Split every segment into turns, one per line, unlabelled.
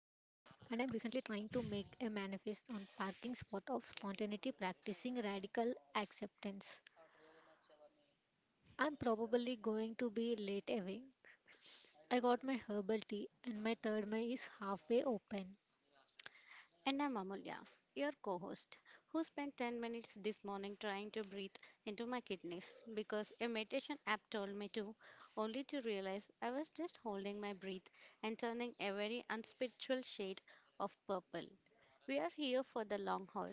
and I'm recently trying to make a manifest on parking spot of spontaneity practicing radical acceptance. I'm probably going to be late away. I got my herbal tea, and my third eye is halfway open.
And I'm Amulya, your co host, who spent 10 minutes this morning trying to breathe into my kidneys because a meditation app told me to, only to realize I was just holding my breath and turning a very unspiritual shade of purple. We are here for the long haul.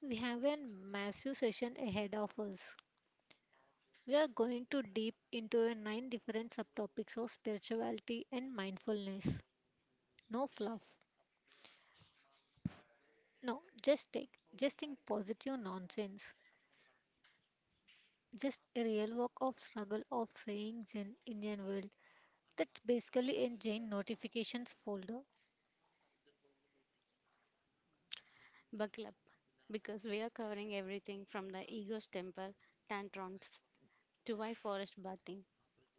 We have a massive session ahead of us. We are going to deep into a nine different subtopics of spirituality and mindfulness. No fluff. No, just take, just think positive nonsense. Just a real work of struggle of saying Zen Indian world. That's basically a Jain notifications folder.
Buckle up, because we are covering everything from the ego's temper tantrums to why forest bathing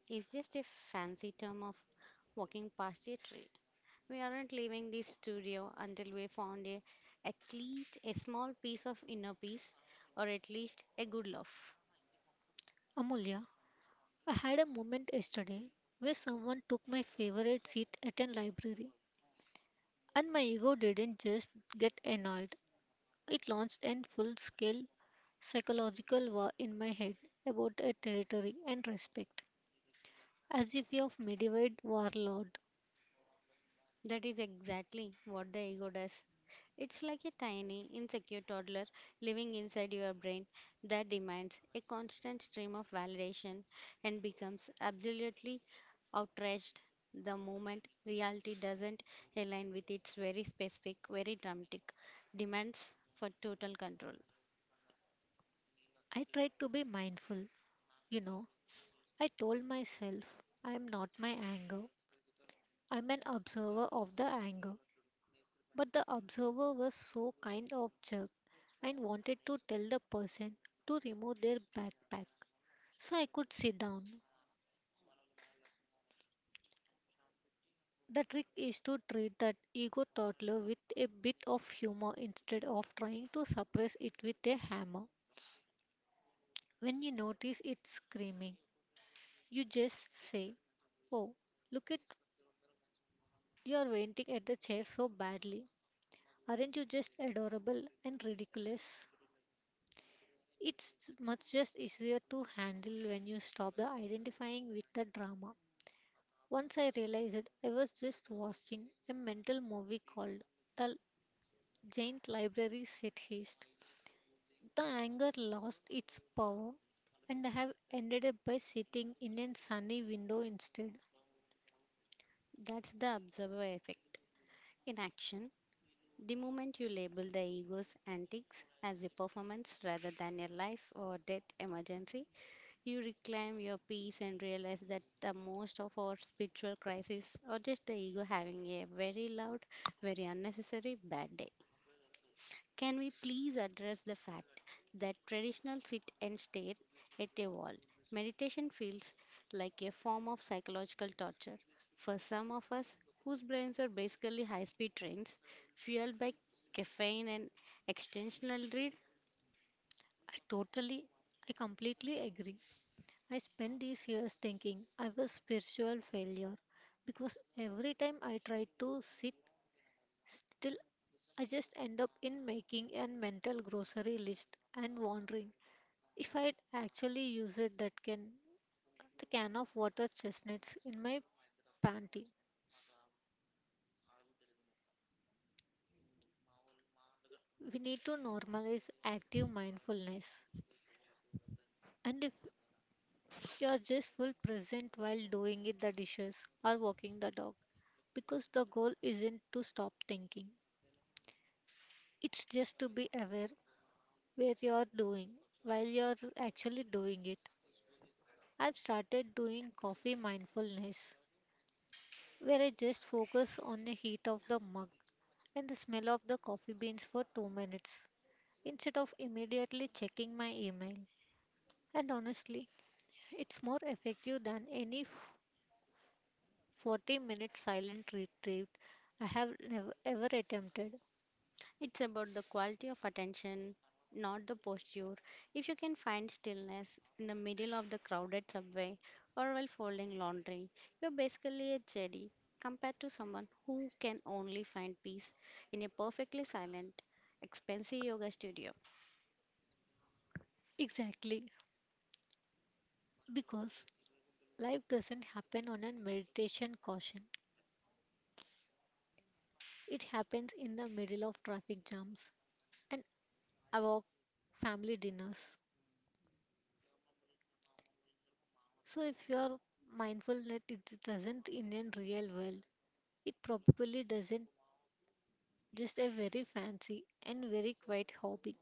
is just a fancy term of walking past a tree. We aren't leaving the studio until we found at least a small piece of inner peace or at least a good laugh.
Amulya, I had a moment yesterday where someone took my favorite seat at a library, and my ego didn't just get annoyed. It launched a full-scale psychological war in my head about a territory and respect, as if you're a medieval warlord.
That is exactly what the ego does. It's like a tiny, insecure toddler living inside your brain that demands a constant stream of validation and becomes absolutely outraged the moment reality doesn't align with its very specific, very dramatic demands for total control.
I tried to be mindful, you know. I told myself I am not my anger, I'm an observer of the anger. But the observer was so kind of jerk and wanted to tell the person to remove their backpack so I could sit down. The trick is to treat that ego toddler with a bit of humor instead of trying to suppress it with a hammer. When you notice it screaming, you just say, "Oh, look at you're venting at the chair so badly. Aren't you just adorable and ridiculous?" It's much just easier to handle when you stop the identifying with the drama. Once I realized it, I was just watching a mental movie called "The Giant Library Set Heist." The anger lost its power, and I have ended up by sitting in a sunny window instead.
That's the observer effect, in action, the moment you label the ego's antics as a performance rather than a life or death emergency. You reclaim your peace and realize that the most of our spiritual crises are just the ego having a very loud, very unnecessary bad day. Can we please address the fact that traditional sit and stare at a wall meditation feels like a form of psychological torture for some of us whose brains are basically high speed trains fueled by caffeine and extensional read?
I totally, I completely agree. I spent these years thinking I was spiritual failure because every time I tried to sit still, I just end up in making a mental grocery list and wondering if I'd actually use it, that can, the can of water chestnuts in my panty. We need to normalize active mindfulness. And if you're just full present while doing it the dishes or walking the dog, because the goal isn't to stop thinking. It's just to be aware where you're doing while you're actually doing it. I've started doing coffee mindfulness where I just focus on the heat of the mug and the smell of the coffee beans for 2 minutes instead of immediately checking my email. And honestly, it's more effective than any 40-minute silent retreat I have never ever attempted.
It's about the quality of attention, not the posture. If you can find stillness in the middle of the crowded subway or while folding laundry, you're basically a Jedi compared to someone who can only find peace in a perfectly silent, expensive yoga studio.
Exactly, because life doesn't happen on a meditation caution. It happens in the middle of traffic jams and awkward family dinners. So if you're mindful that it doesn't in a real world, it probably doesn't, just a very fancy and very quiet hobby.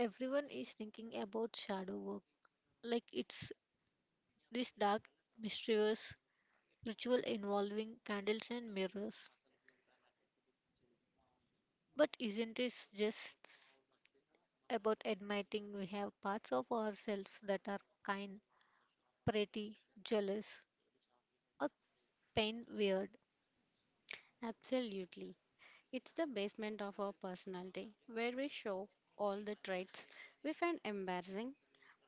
Everyone is thinking about shadow work, like it's this dark, mysterious ritual involving candles and mirrors. But isn't it just about admitting we have parts of ourselves that are kind, pretty, jealous, or pain weird?
Absolutely. It's the basement of our personality where we show all the traits we find embarrassing.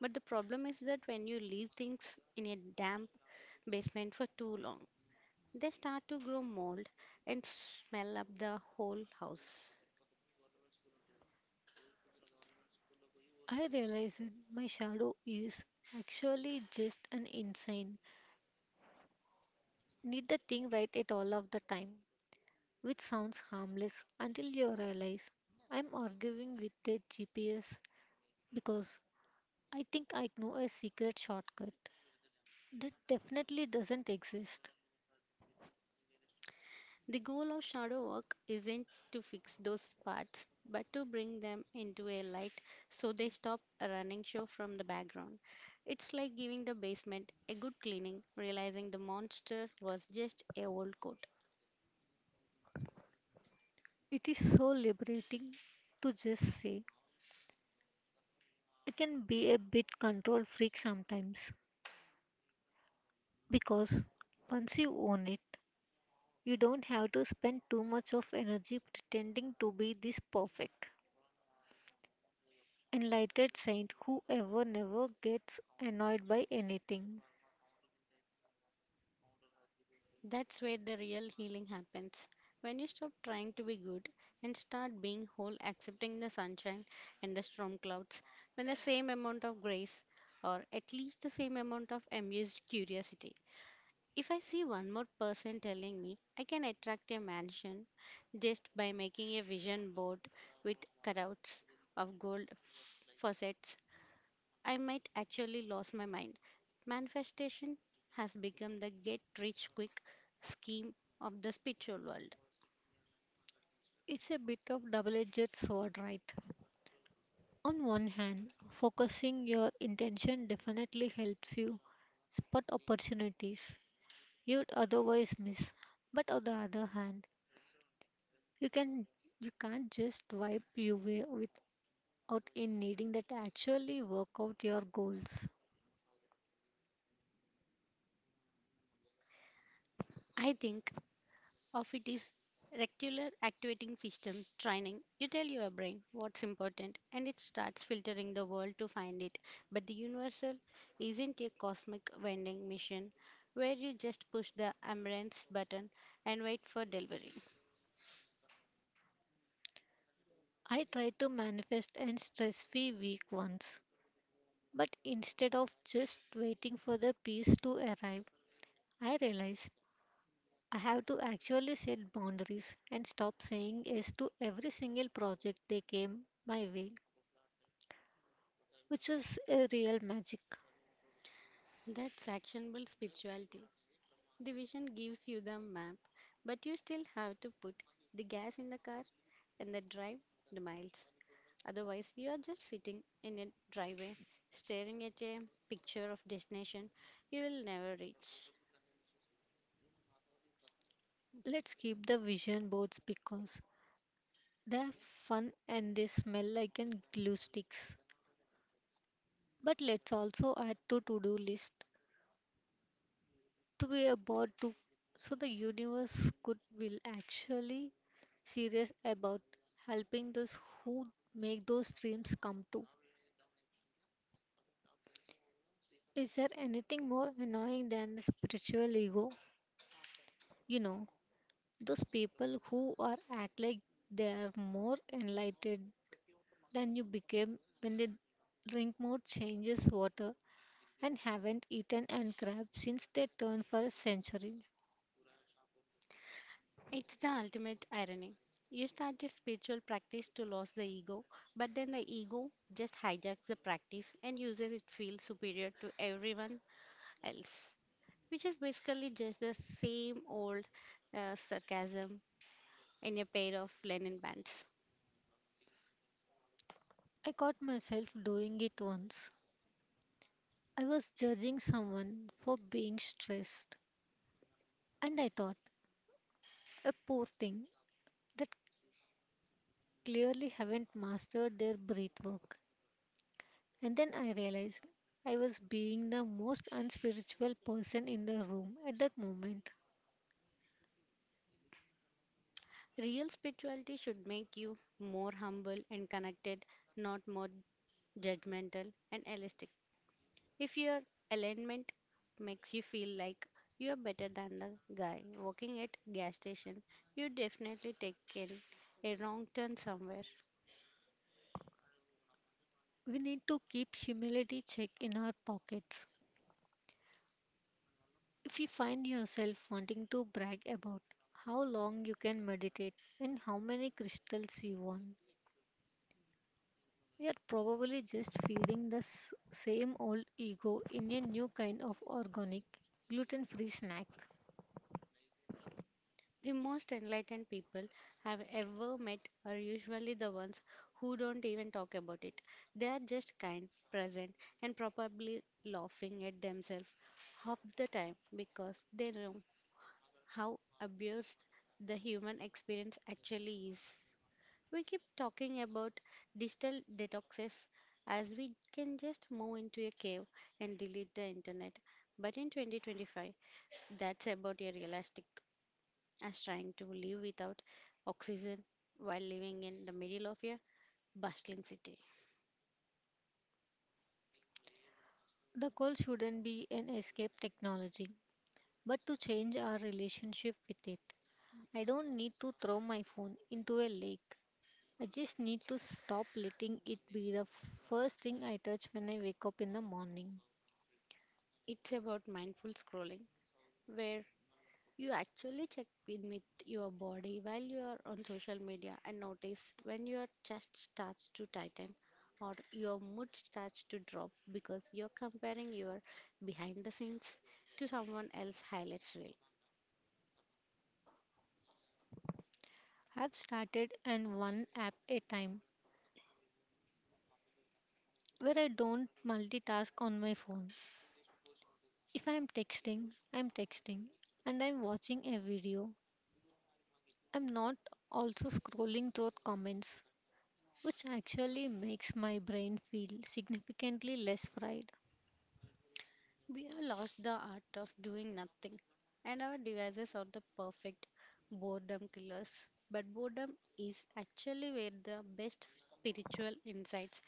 But the problem is that when you leave things in a damp basement for too long, they start to grow mold and smell up the whole house.
I realized my shadow is actually just an insane. Need the thing right at all of the time, which sounds harmless until you realize I'm arguing with the GPS because I think I know a secret shortcut that definitely doesn't exist.
The goal of shadow work isn't to fix those parts, but to bring them into a light so they stop a running show from the background. It's like giving the basement a good cleaning, realizing the monster was just a old coat.
It is so liberating to just say, I can be a bit control freak sometimes because once you own it, you don't have to spend too much of energy pretending to be this perfect, enlightened saint who ever never gets annoyed by anything.
That's where the real healing happens. When you stop trying to be good and start being whole, accepting the sunshine and the storm clouds with the same amount of grace, or at least the same amount of amused curiosity. If I see one more person telling me I can attract a mansion just by making a vision board with cutouts of gold faucets, I might actually lose my mind. Manifestation has become the get rich quick scheme of the spiritual world.
It's a bit of double-edged sword, right? On one hand, focusing your intention definitely helps you spot opportunities you'd otherwise miss. But on the other hand, you can you can't just wipe your way without in needing that actually work out your goals.
I think of it as regular activating system training. You tell your brain what's important and it starts filtering the world to find it. But the universal isn't a cosmic vending machine where you just push the ambulance button and wait for delivery.
I tried to manifest an stress-free week once, but instead of just waiting for the peace to arrive, I realized I have to actually set boundaries and stop saying yes to every single project they came my way, which is a real magic.
That's actionable spirituality. The vision gives you the map, but you still have to put the gas in the car and the drive the miles. Otherwise, you are just sitting in a driveway staring at a picture of destination you will never reach.
Let's keep the vision boards because they're fun and they smell like an glue sticks. But let's also add to to-do list to be about to so the universe could will actually serious about helping those who make those dreams come true. Is there anything more annoying than the spiritual ego? You know, those people who are act like they are more enlightened than you became when they drink more changes water and haven't eaten and crab since they turned for a century.
It's the ultimate irony. You start a spiritual practice to lose the ego, but then the ego just hijacks the practice and uses it feel superior to everyone else, which is basically just the same old sarcasm in a pair of linen pants.
I caught myself doing it once. I was judging someone for being stressed, and I thought, a poor thing that clearly haven't mastered their breath work. And then I realized I was being the most unspiritual person in the room at that moment.
Real spirituality should make you more humble and connected, not more judgmental and elastic. If your alignment makes you feel like you are better than the guy working at gas station, you definitely taken a wrong turn somewhere.
We need to keep humility check in our pockets. If you find yourself wanting to brag about how long you can meditate and how many crystals you want, you are probably just feeding the same old ego in a new kind of organic, gluten free snack.
The most enlightened people I've ever met are usually the ones who don't even talk about it. They are just kind, present, and probably laughing at themselves half the time because they know how abused the human experience actually is. We keep talking about digital detoxes as we can just move into a cave and delete the internet. But in 2025, that's about a realistic as trying to live without oxygen while living in the middle of a bustling city.
The goal shouldn't be an escape technology, but to change our relationship with it. I don't need to throw my phone into a lake. I just need to stop letting it be the first thing I touch when I wake up in the morning.
It's about mindful scrolling, where you actually check in with your body while you are on social media and notice when your chest starts to tighten or your mood starts to drop because you're comparing your behind the scenes to someone else's highlights reel.
I've started and one app a time where I don't multitask on my phone. If I'm texting, I'm texting and I'm watching a video. I'm not also scrolling through comments, which actually makes my brain feel significantly less fried.
We have lost the art of doing nothing, and our devices are the perfect boredom killers. But boredom is actually where the best spiritual insights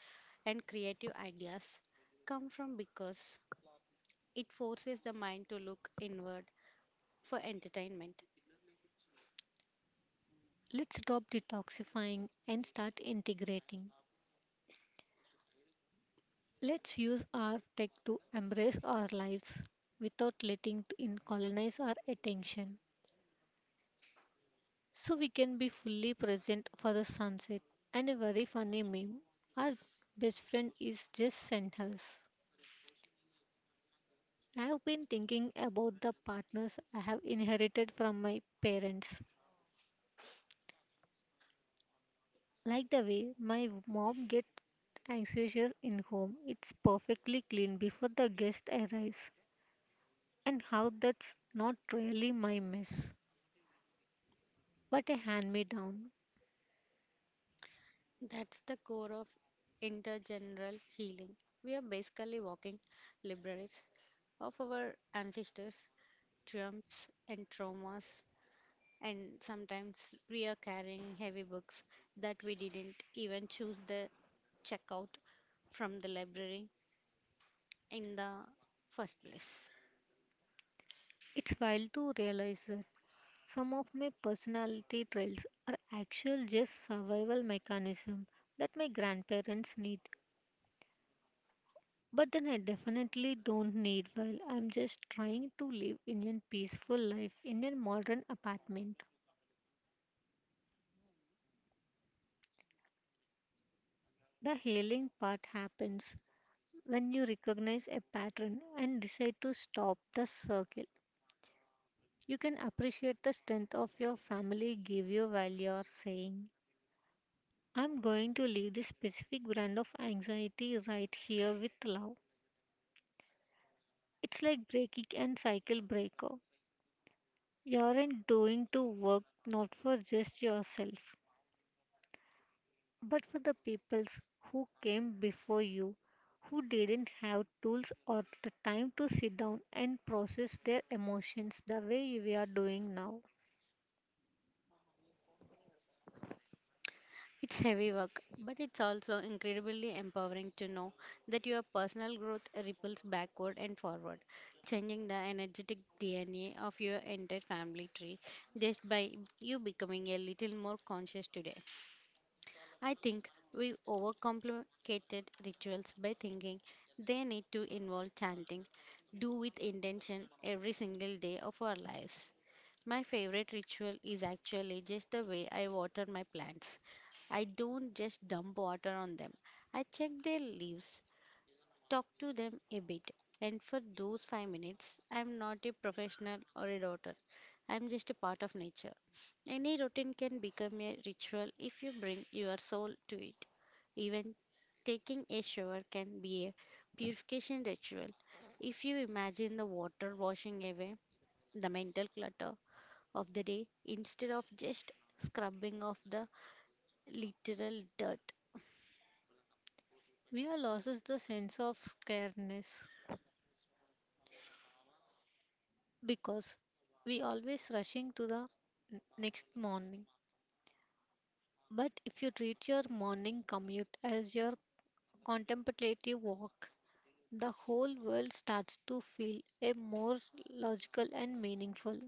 and creative ideas come from, because it forces the mind to look inward for entertainment.
Let's stop detoxifying and start integrating. Let's use our tech to embrace our lives without letting it colonize our attention so we can be fully present for the sunset. And a very funny meme our best friend is just sent us. I have been thinking about the partners I have inherited from my parents. Like the way my mom gets anxious in home, it's perfectly clean before the guest arrives, and how that's not really my mess, but a hand me down.
That's the core of intergeneral healing. We are basically walking libraries of our ancestors' triumphs and traumas, and sometimes we are carrying heavy books that we didn't even choose the checkout from the library in the first place.
It's wild to realize that some of my personality traits are actual just survival mechanism that my grandparents need. But then I definitely don't need while I'm just trying to live in a peaceful life in a modern apartment. The healing part happens when you recognize a pattern and decide to stop the circle. You can appreciate the strength of your family give you while you're saying, I'm going to leave this specific brand of anxiety right here with love. It's like breaking and cycle breaker. You aren't doing to work not for just yourself, but for the peoples who came before you, who didn't have tools or the time to sit down and process their emotions the way we are doing now.
It's heavy work, but it's also incredibly empowering to know that your personal growth ripples backward and forward, changing the energetic DNA of your entire family tree just by you becoming a little more conscious today. I think we overcomplicated rituals by thinking they need to involve chanting, do with intention every single day of our lives. My favorite ritual is actually just the way I water my plants. I don't just dump water on them. I check their leaves, talk to them a bit, and for those 5 minutes, I'm not a professional or a doctor. I'm just a part of nature. Any routine can become a ritual if you bring your soul to it. Even taking a shower can be a purification ritual, if you imagine the water washing away the mental clutter of the day instead of just scrubbing off the literal dirt.
We are loses the sense of scaredness because we always rushing to the next morning. But if you treat your morning commute as your contemplative walk, the whole world starts to feel a more logical and meaningful.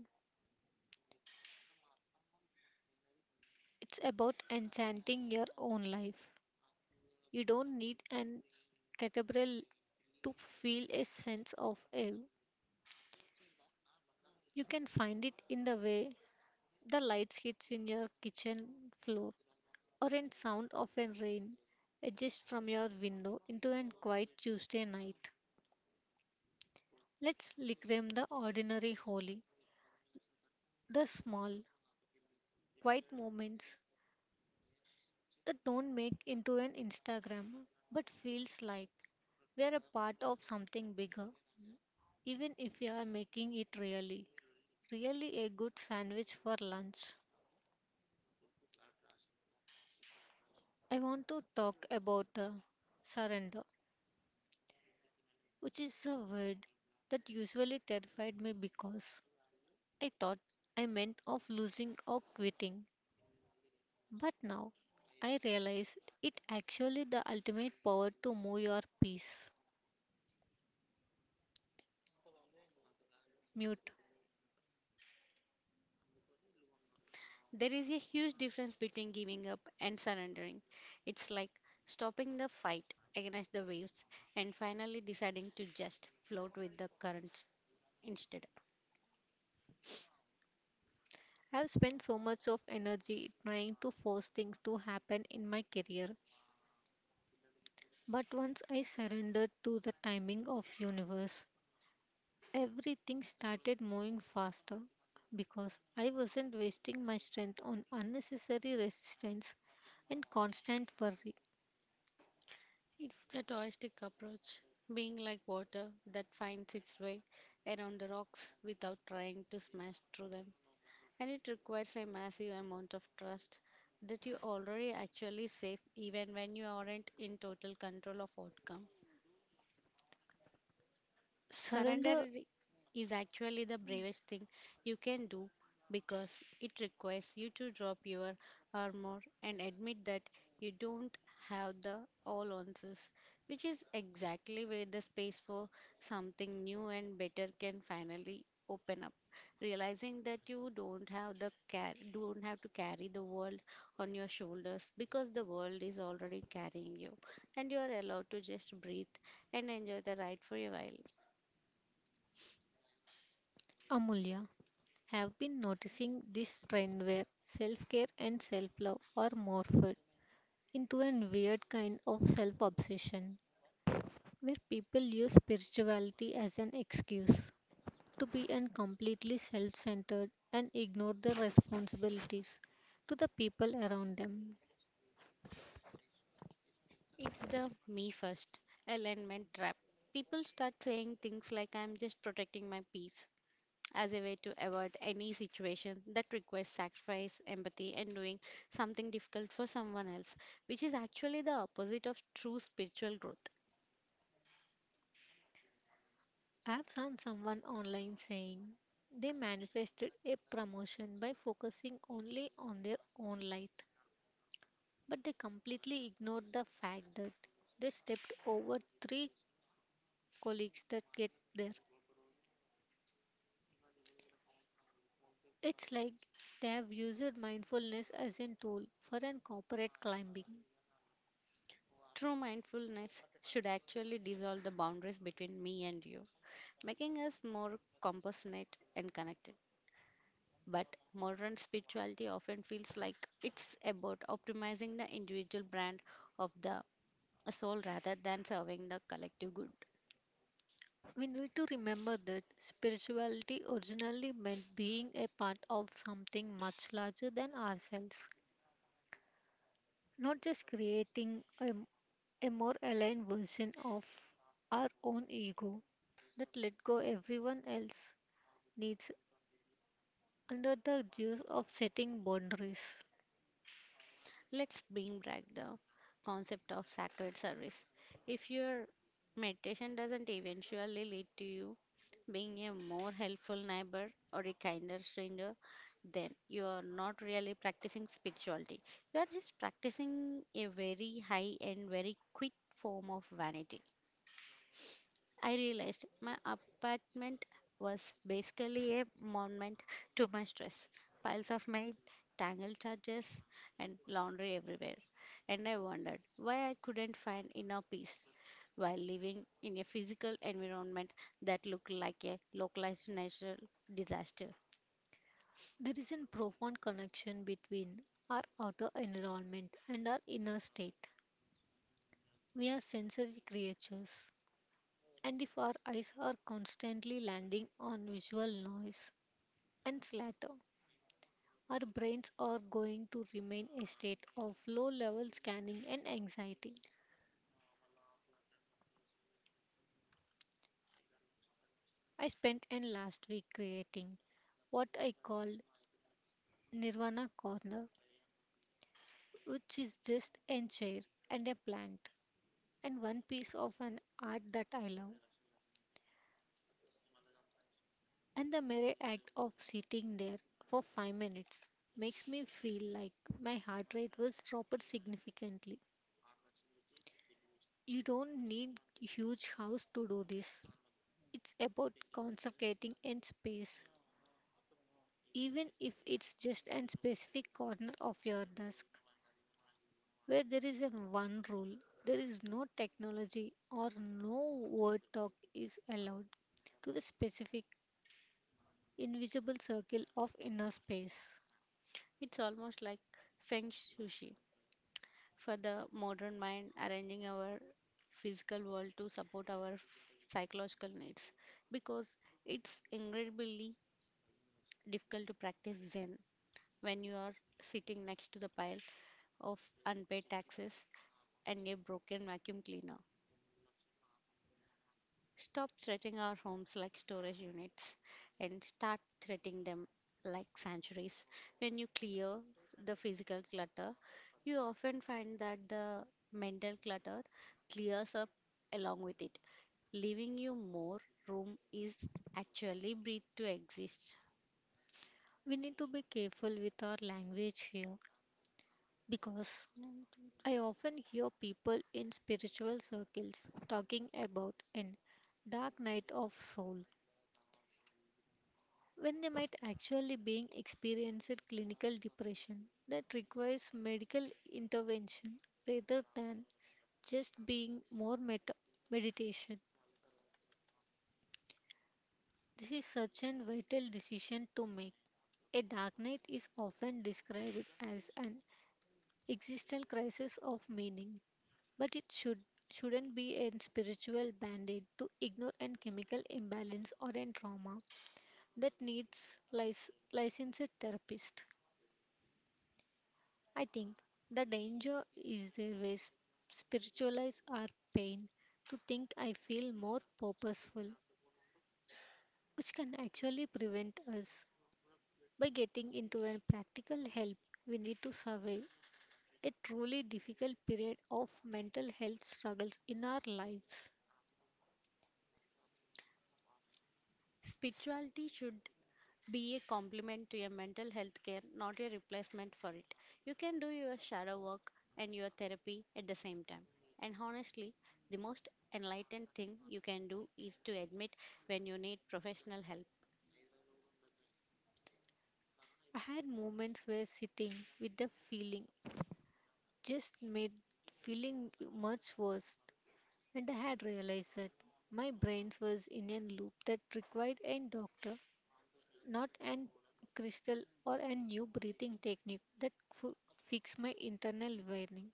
It's about enchanting your own life. You don't need an cathedral to feel a sense of awe. You can find it in the way the lights hits in your kitchen floor or in sound of a rain edges from your window into a quiet Tuesday night. Let's reclaim the ordinary holy, the small, quiet moments that don't make into an Instagram but feels like we are a part of something bigger, even if we are making it really, really a good sandwich for lunch. I want to talk about surrender, which is a word that usually terrified me because I thought I meant of losing or quitting. But now I realize it actually the ultimate power to move your piece. Mute.
There is a huge difference between giving up and surrendering. It's like stopping the fight against the waves and finally deciding to just float with the currents instead.
I've spent so much of energy trying to force things to happen in my career, but once I surrendered to the timing of universe, everything started moving faster because I wasn't wasting my strength on unnecessary resistance and constant worry.
It's the toistic approach, being like water that finds its way around the rocks without trying to smash through them. And it requires a massive amount of trust that you already actually safe, even when you aren't in total control of outcome. Surrender
Surrender.
is actually the bravest thing you can do, because it requires you to drop your armor and admit that you don't have the all answers, which is exactly where the space for something new and better can finally open up. Realizing that you don't have to carry the world on your shoulders, because the world is already carrying you, and you are allowed to just breathe and enjoy the ride for a while.
Amulya, have been noticing this trend where self care and self love are morphed into a weird kind of self obsession where people use spirituality as an excuse to be completely self centered and ignore their responsibilities to the people around them.
It's the me first alignment trap. People start saying things like I'm just protecting my peace as a way to avoid any situation that requires sacrifice, empathy, and doing something difficult for someone else, which is actually the opposite of true spiritual growth.
I've found someone online saying they manifested a promotion by focusing only on their own light. But they completely ignored the fact that they stepped over three colleagues that get there. It's like they have used mindfulness as a tool for an corporate climbing.
True mindfulness should actually dissolve the boundaries between me and you, making us more compassionate and connected. But modern spirituality often feels like it's about optimizing the individual brand of the soul rather than serving the collective good.
We need to remember that spirituality originally meant being a part of something much larger than ourselves, not just creating a more aligned version of our own ego that let go everyone else needs under the guise of setting boundaries.
Let's bring back the concept of sacred service. If your meditation doesn't eventually lead to you being a more helpful neighbor or a kinder stranger, then you are not really practicing spirituality. You are just practicing a very high and very quick form of vanity. I realized my apartment was basically a monument to my stress. Piles of mail, tangled charges, and laundry everywhere. And I wondered why I couldn't find inner peace while living in a physical environment that looked like a localized natural disaster.
There is a profound connection between our outer environment and our inner state. We are sensory creatures, and if our eyes are constantly landing on visual noise and slatter, our brains are going to remain a state of low level scanning and anxiety. I spent an last week creating what I call Nirvana Corner, which is just a chair and a plant and one piece of an art that I love. And the mere act of sitting there for 5 minutes makes me feel like my heart rate was dropped significantly. You don't need huge house to do this. It's about concentrating in space. Even if it's just a specific corner of your desk where there is a one rule, there is no technology or no word talk is allowed to the specific invisible circle of inner space.
It's almost like feng shui for the modern mind, arranging our physical world to support our psychological needs, because it's incredibly difficult to practice Zen when you are sitting next to the pile of unpaid taxes and a broken vacuum cleaner. Stop treating our homes like storage units and start treating them like sanctuaries. When you clear the physical clutter, you often find that the mental clutter clears up along with it, leaving you more room is actually breathe to exist.
We need to be careful with our language here because I often hear people in spiritual circles talking about an dark night of soul when they might actually being experiencing clinical depression that requires medical intervention rather than just being more meditation. This is such an vital decision to make. A dark night is often described as an existential crisis of meaning. But it should shouldn't be a spiritual band-aid to ignore an chemical imbalance or an trauma that needs licensed therapist. I think the danger is there we spiritualize our pain to think I feel more purposeful, which can actually prevent us by getting into a practical help we need to survive a truly difficult period of mental health struggles in our lives.
Spirituality should be a complement to your mental health care, not a replacement for it. You can do your shadow work and your therapy at the same time. And honestly, the most enlightened thing you can do is to admit when you need professional help.
I had moments where sitting with the feeling just made feeling much worse, and I had realized that my brain was in a loop that required a doctor, not an crystal or a new breathing technique that could fix my internal wiring.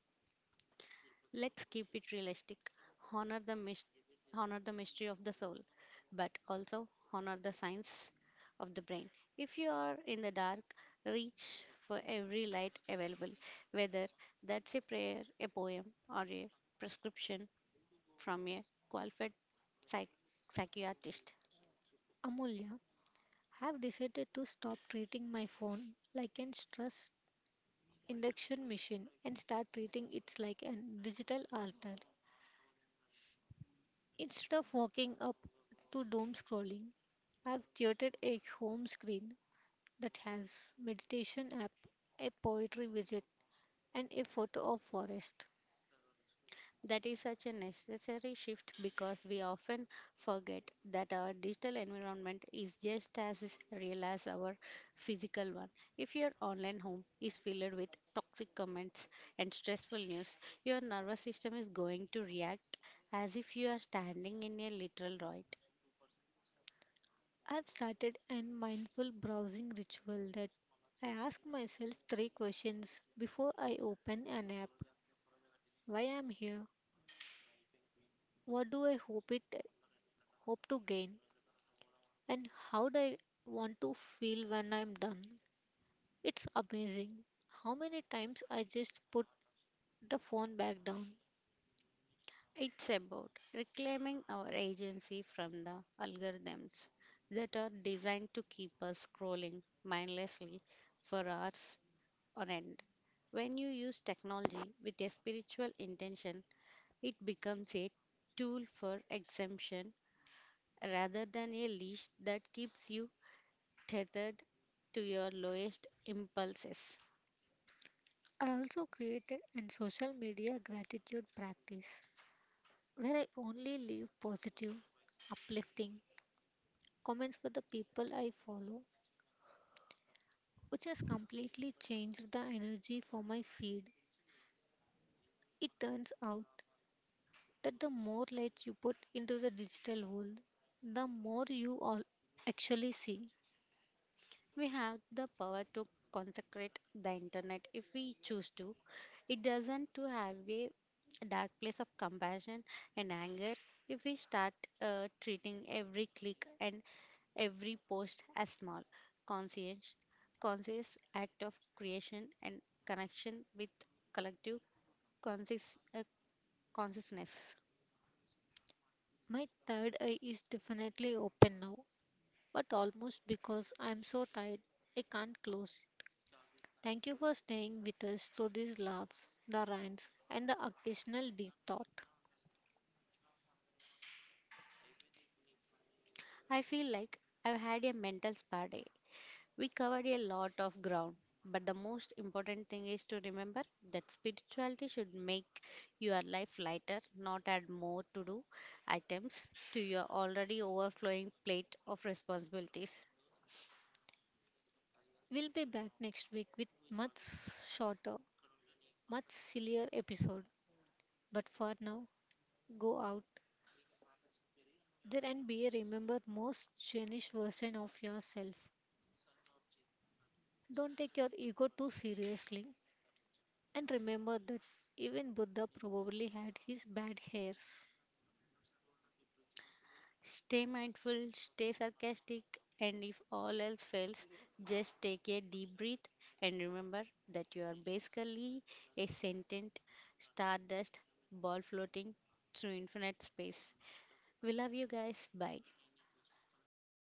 Let's keep it realistic. Honor the mys- honor the mystery of the soul, but also honor the science of the brain. If you are in the dark, reach for every light available, whether that's a prayer, a poem, or a prescription from a qualified psych- psychiatrist.
Amulya, I have decided to stop treating my phone like an stress induction machine and start treating it like a digital altar. Instead of walking up to doom scrolling, I've created a home screen that has meditation app, a poetry widget, and a photo of forest.
That is such a necessary shift, because we often forget that our digital environment is just as real as our physical one. If your online home is filled with toxic comments and stressful news, your nervous system is going to react as if you are standing in a literal riot.
I've started a mindful browsing ritual that I ask myself three questions before I open an app. Why I'm here? What do I hope to gain? And how do I want to feel when I'm done? It's amazing how many times I just put the phone back down.
It's about reclaiming our agency from the algorithms that are designed to keep us scrolling mindlessly for hours on end. When you use technology with a spiritual intention, it becomes a tool for exemption rather than a leash that keeps you tethered to your lowest impulses.
I also created an social media gratitude practice where I only leave positive, uplifting comments for the people I follow, which has completely changed the energy for my feed. It turns out that the more light you put into the digital world, the more you all actually see.
We have the power to consecrate the internet if we choose to. It doesn't to have a dark place of compassion and anger if we start treating every click and every post a small, conscious, conscious act of creation and connection with collective conscious, uh, consciousness.
My third eye is definitely open now, but almost because I'm so tired, I can't close. Thank you for staying with us through these laughs, the rants, and the occasional deep thought.
I feel like I've had a mental spa day. We covered a lot of ground, but the most important thing is to remember that spirituality should make your life lighter, not add more to do items to your already overflowing plate of responsibilities.
We'll be back next week with much shorter, much sillier episode. But for now, go out there and be a remember most genuine version of yourself. Don't take your ego too seriously, and remember that even Buddha probably had his bad hairs.
Stay mindful, stay sarcastic, and if all else fails, just take a deep breath and remember that you are basically a sentient stardust ball floating through infinite space. We love you guys. Bye.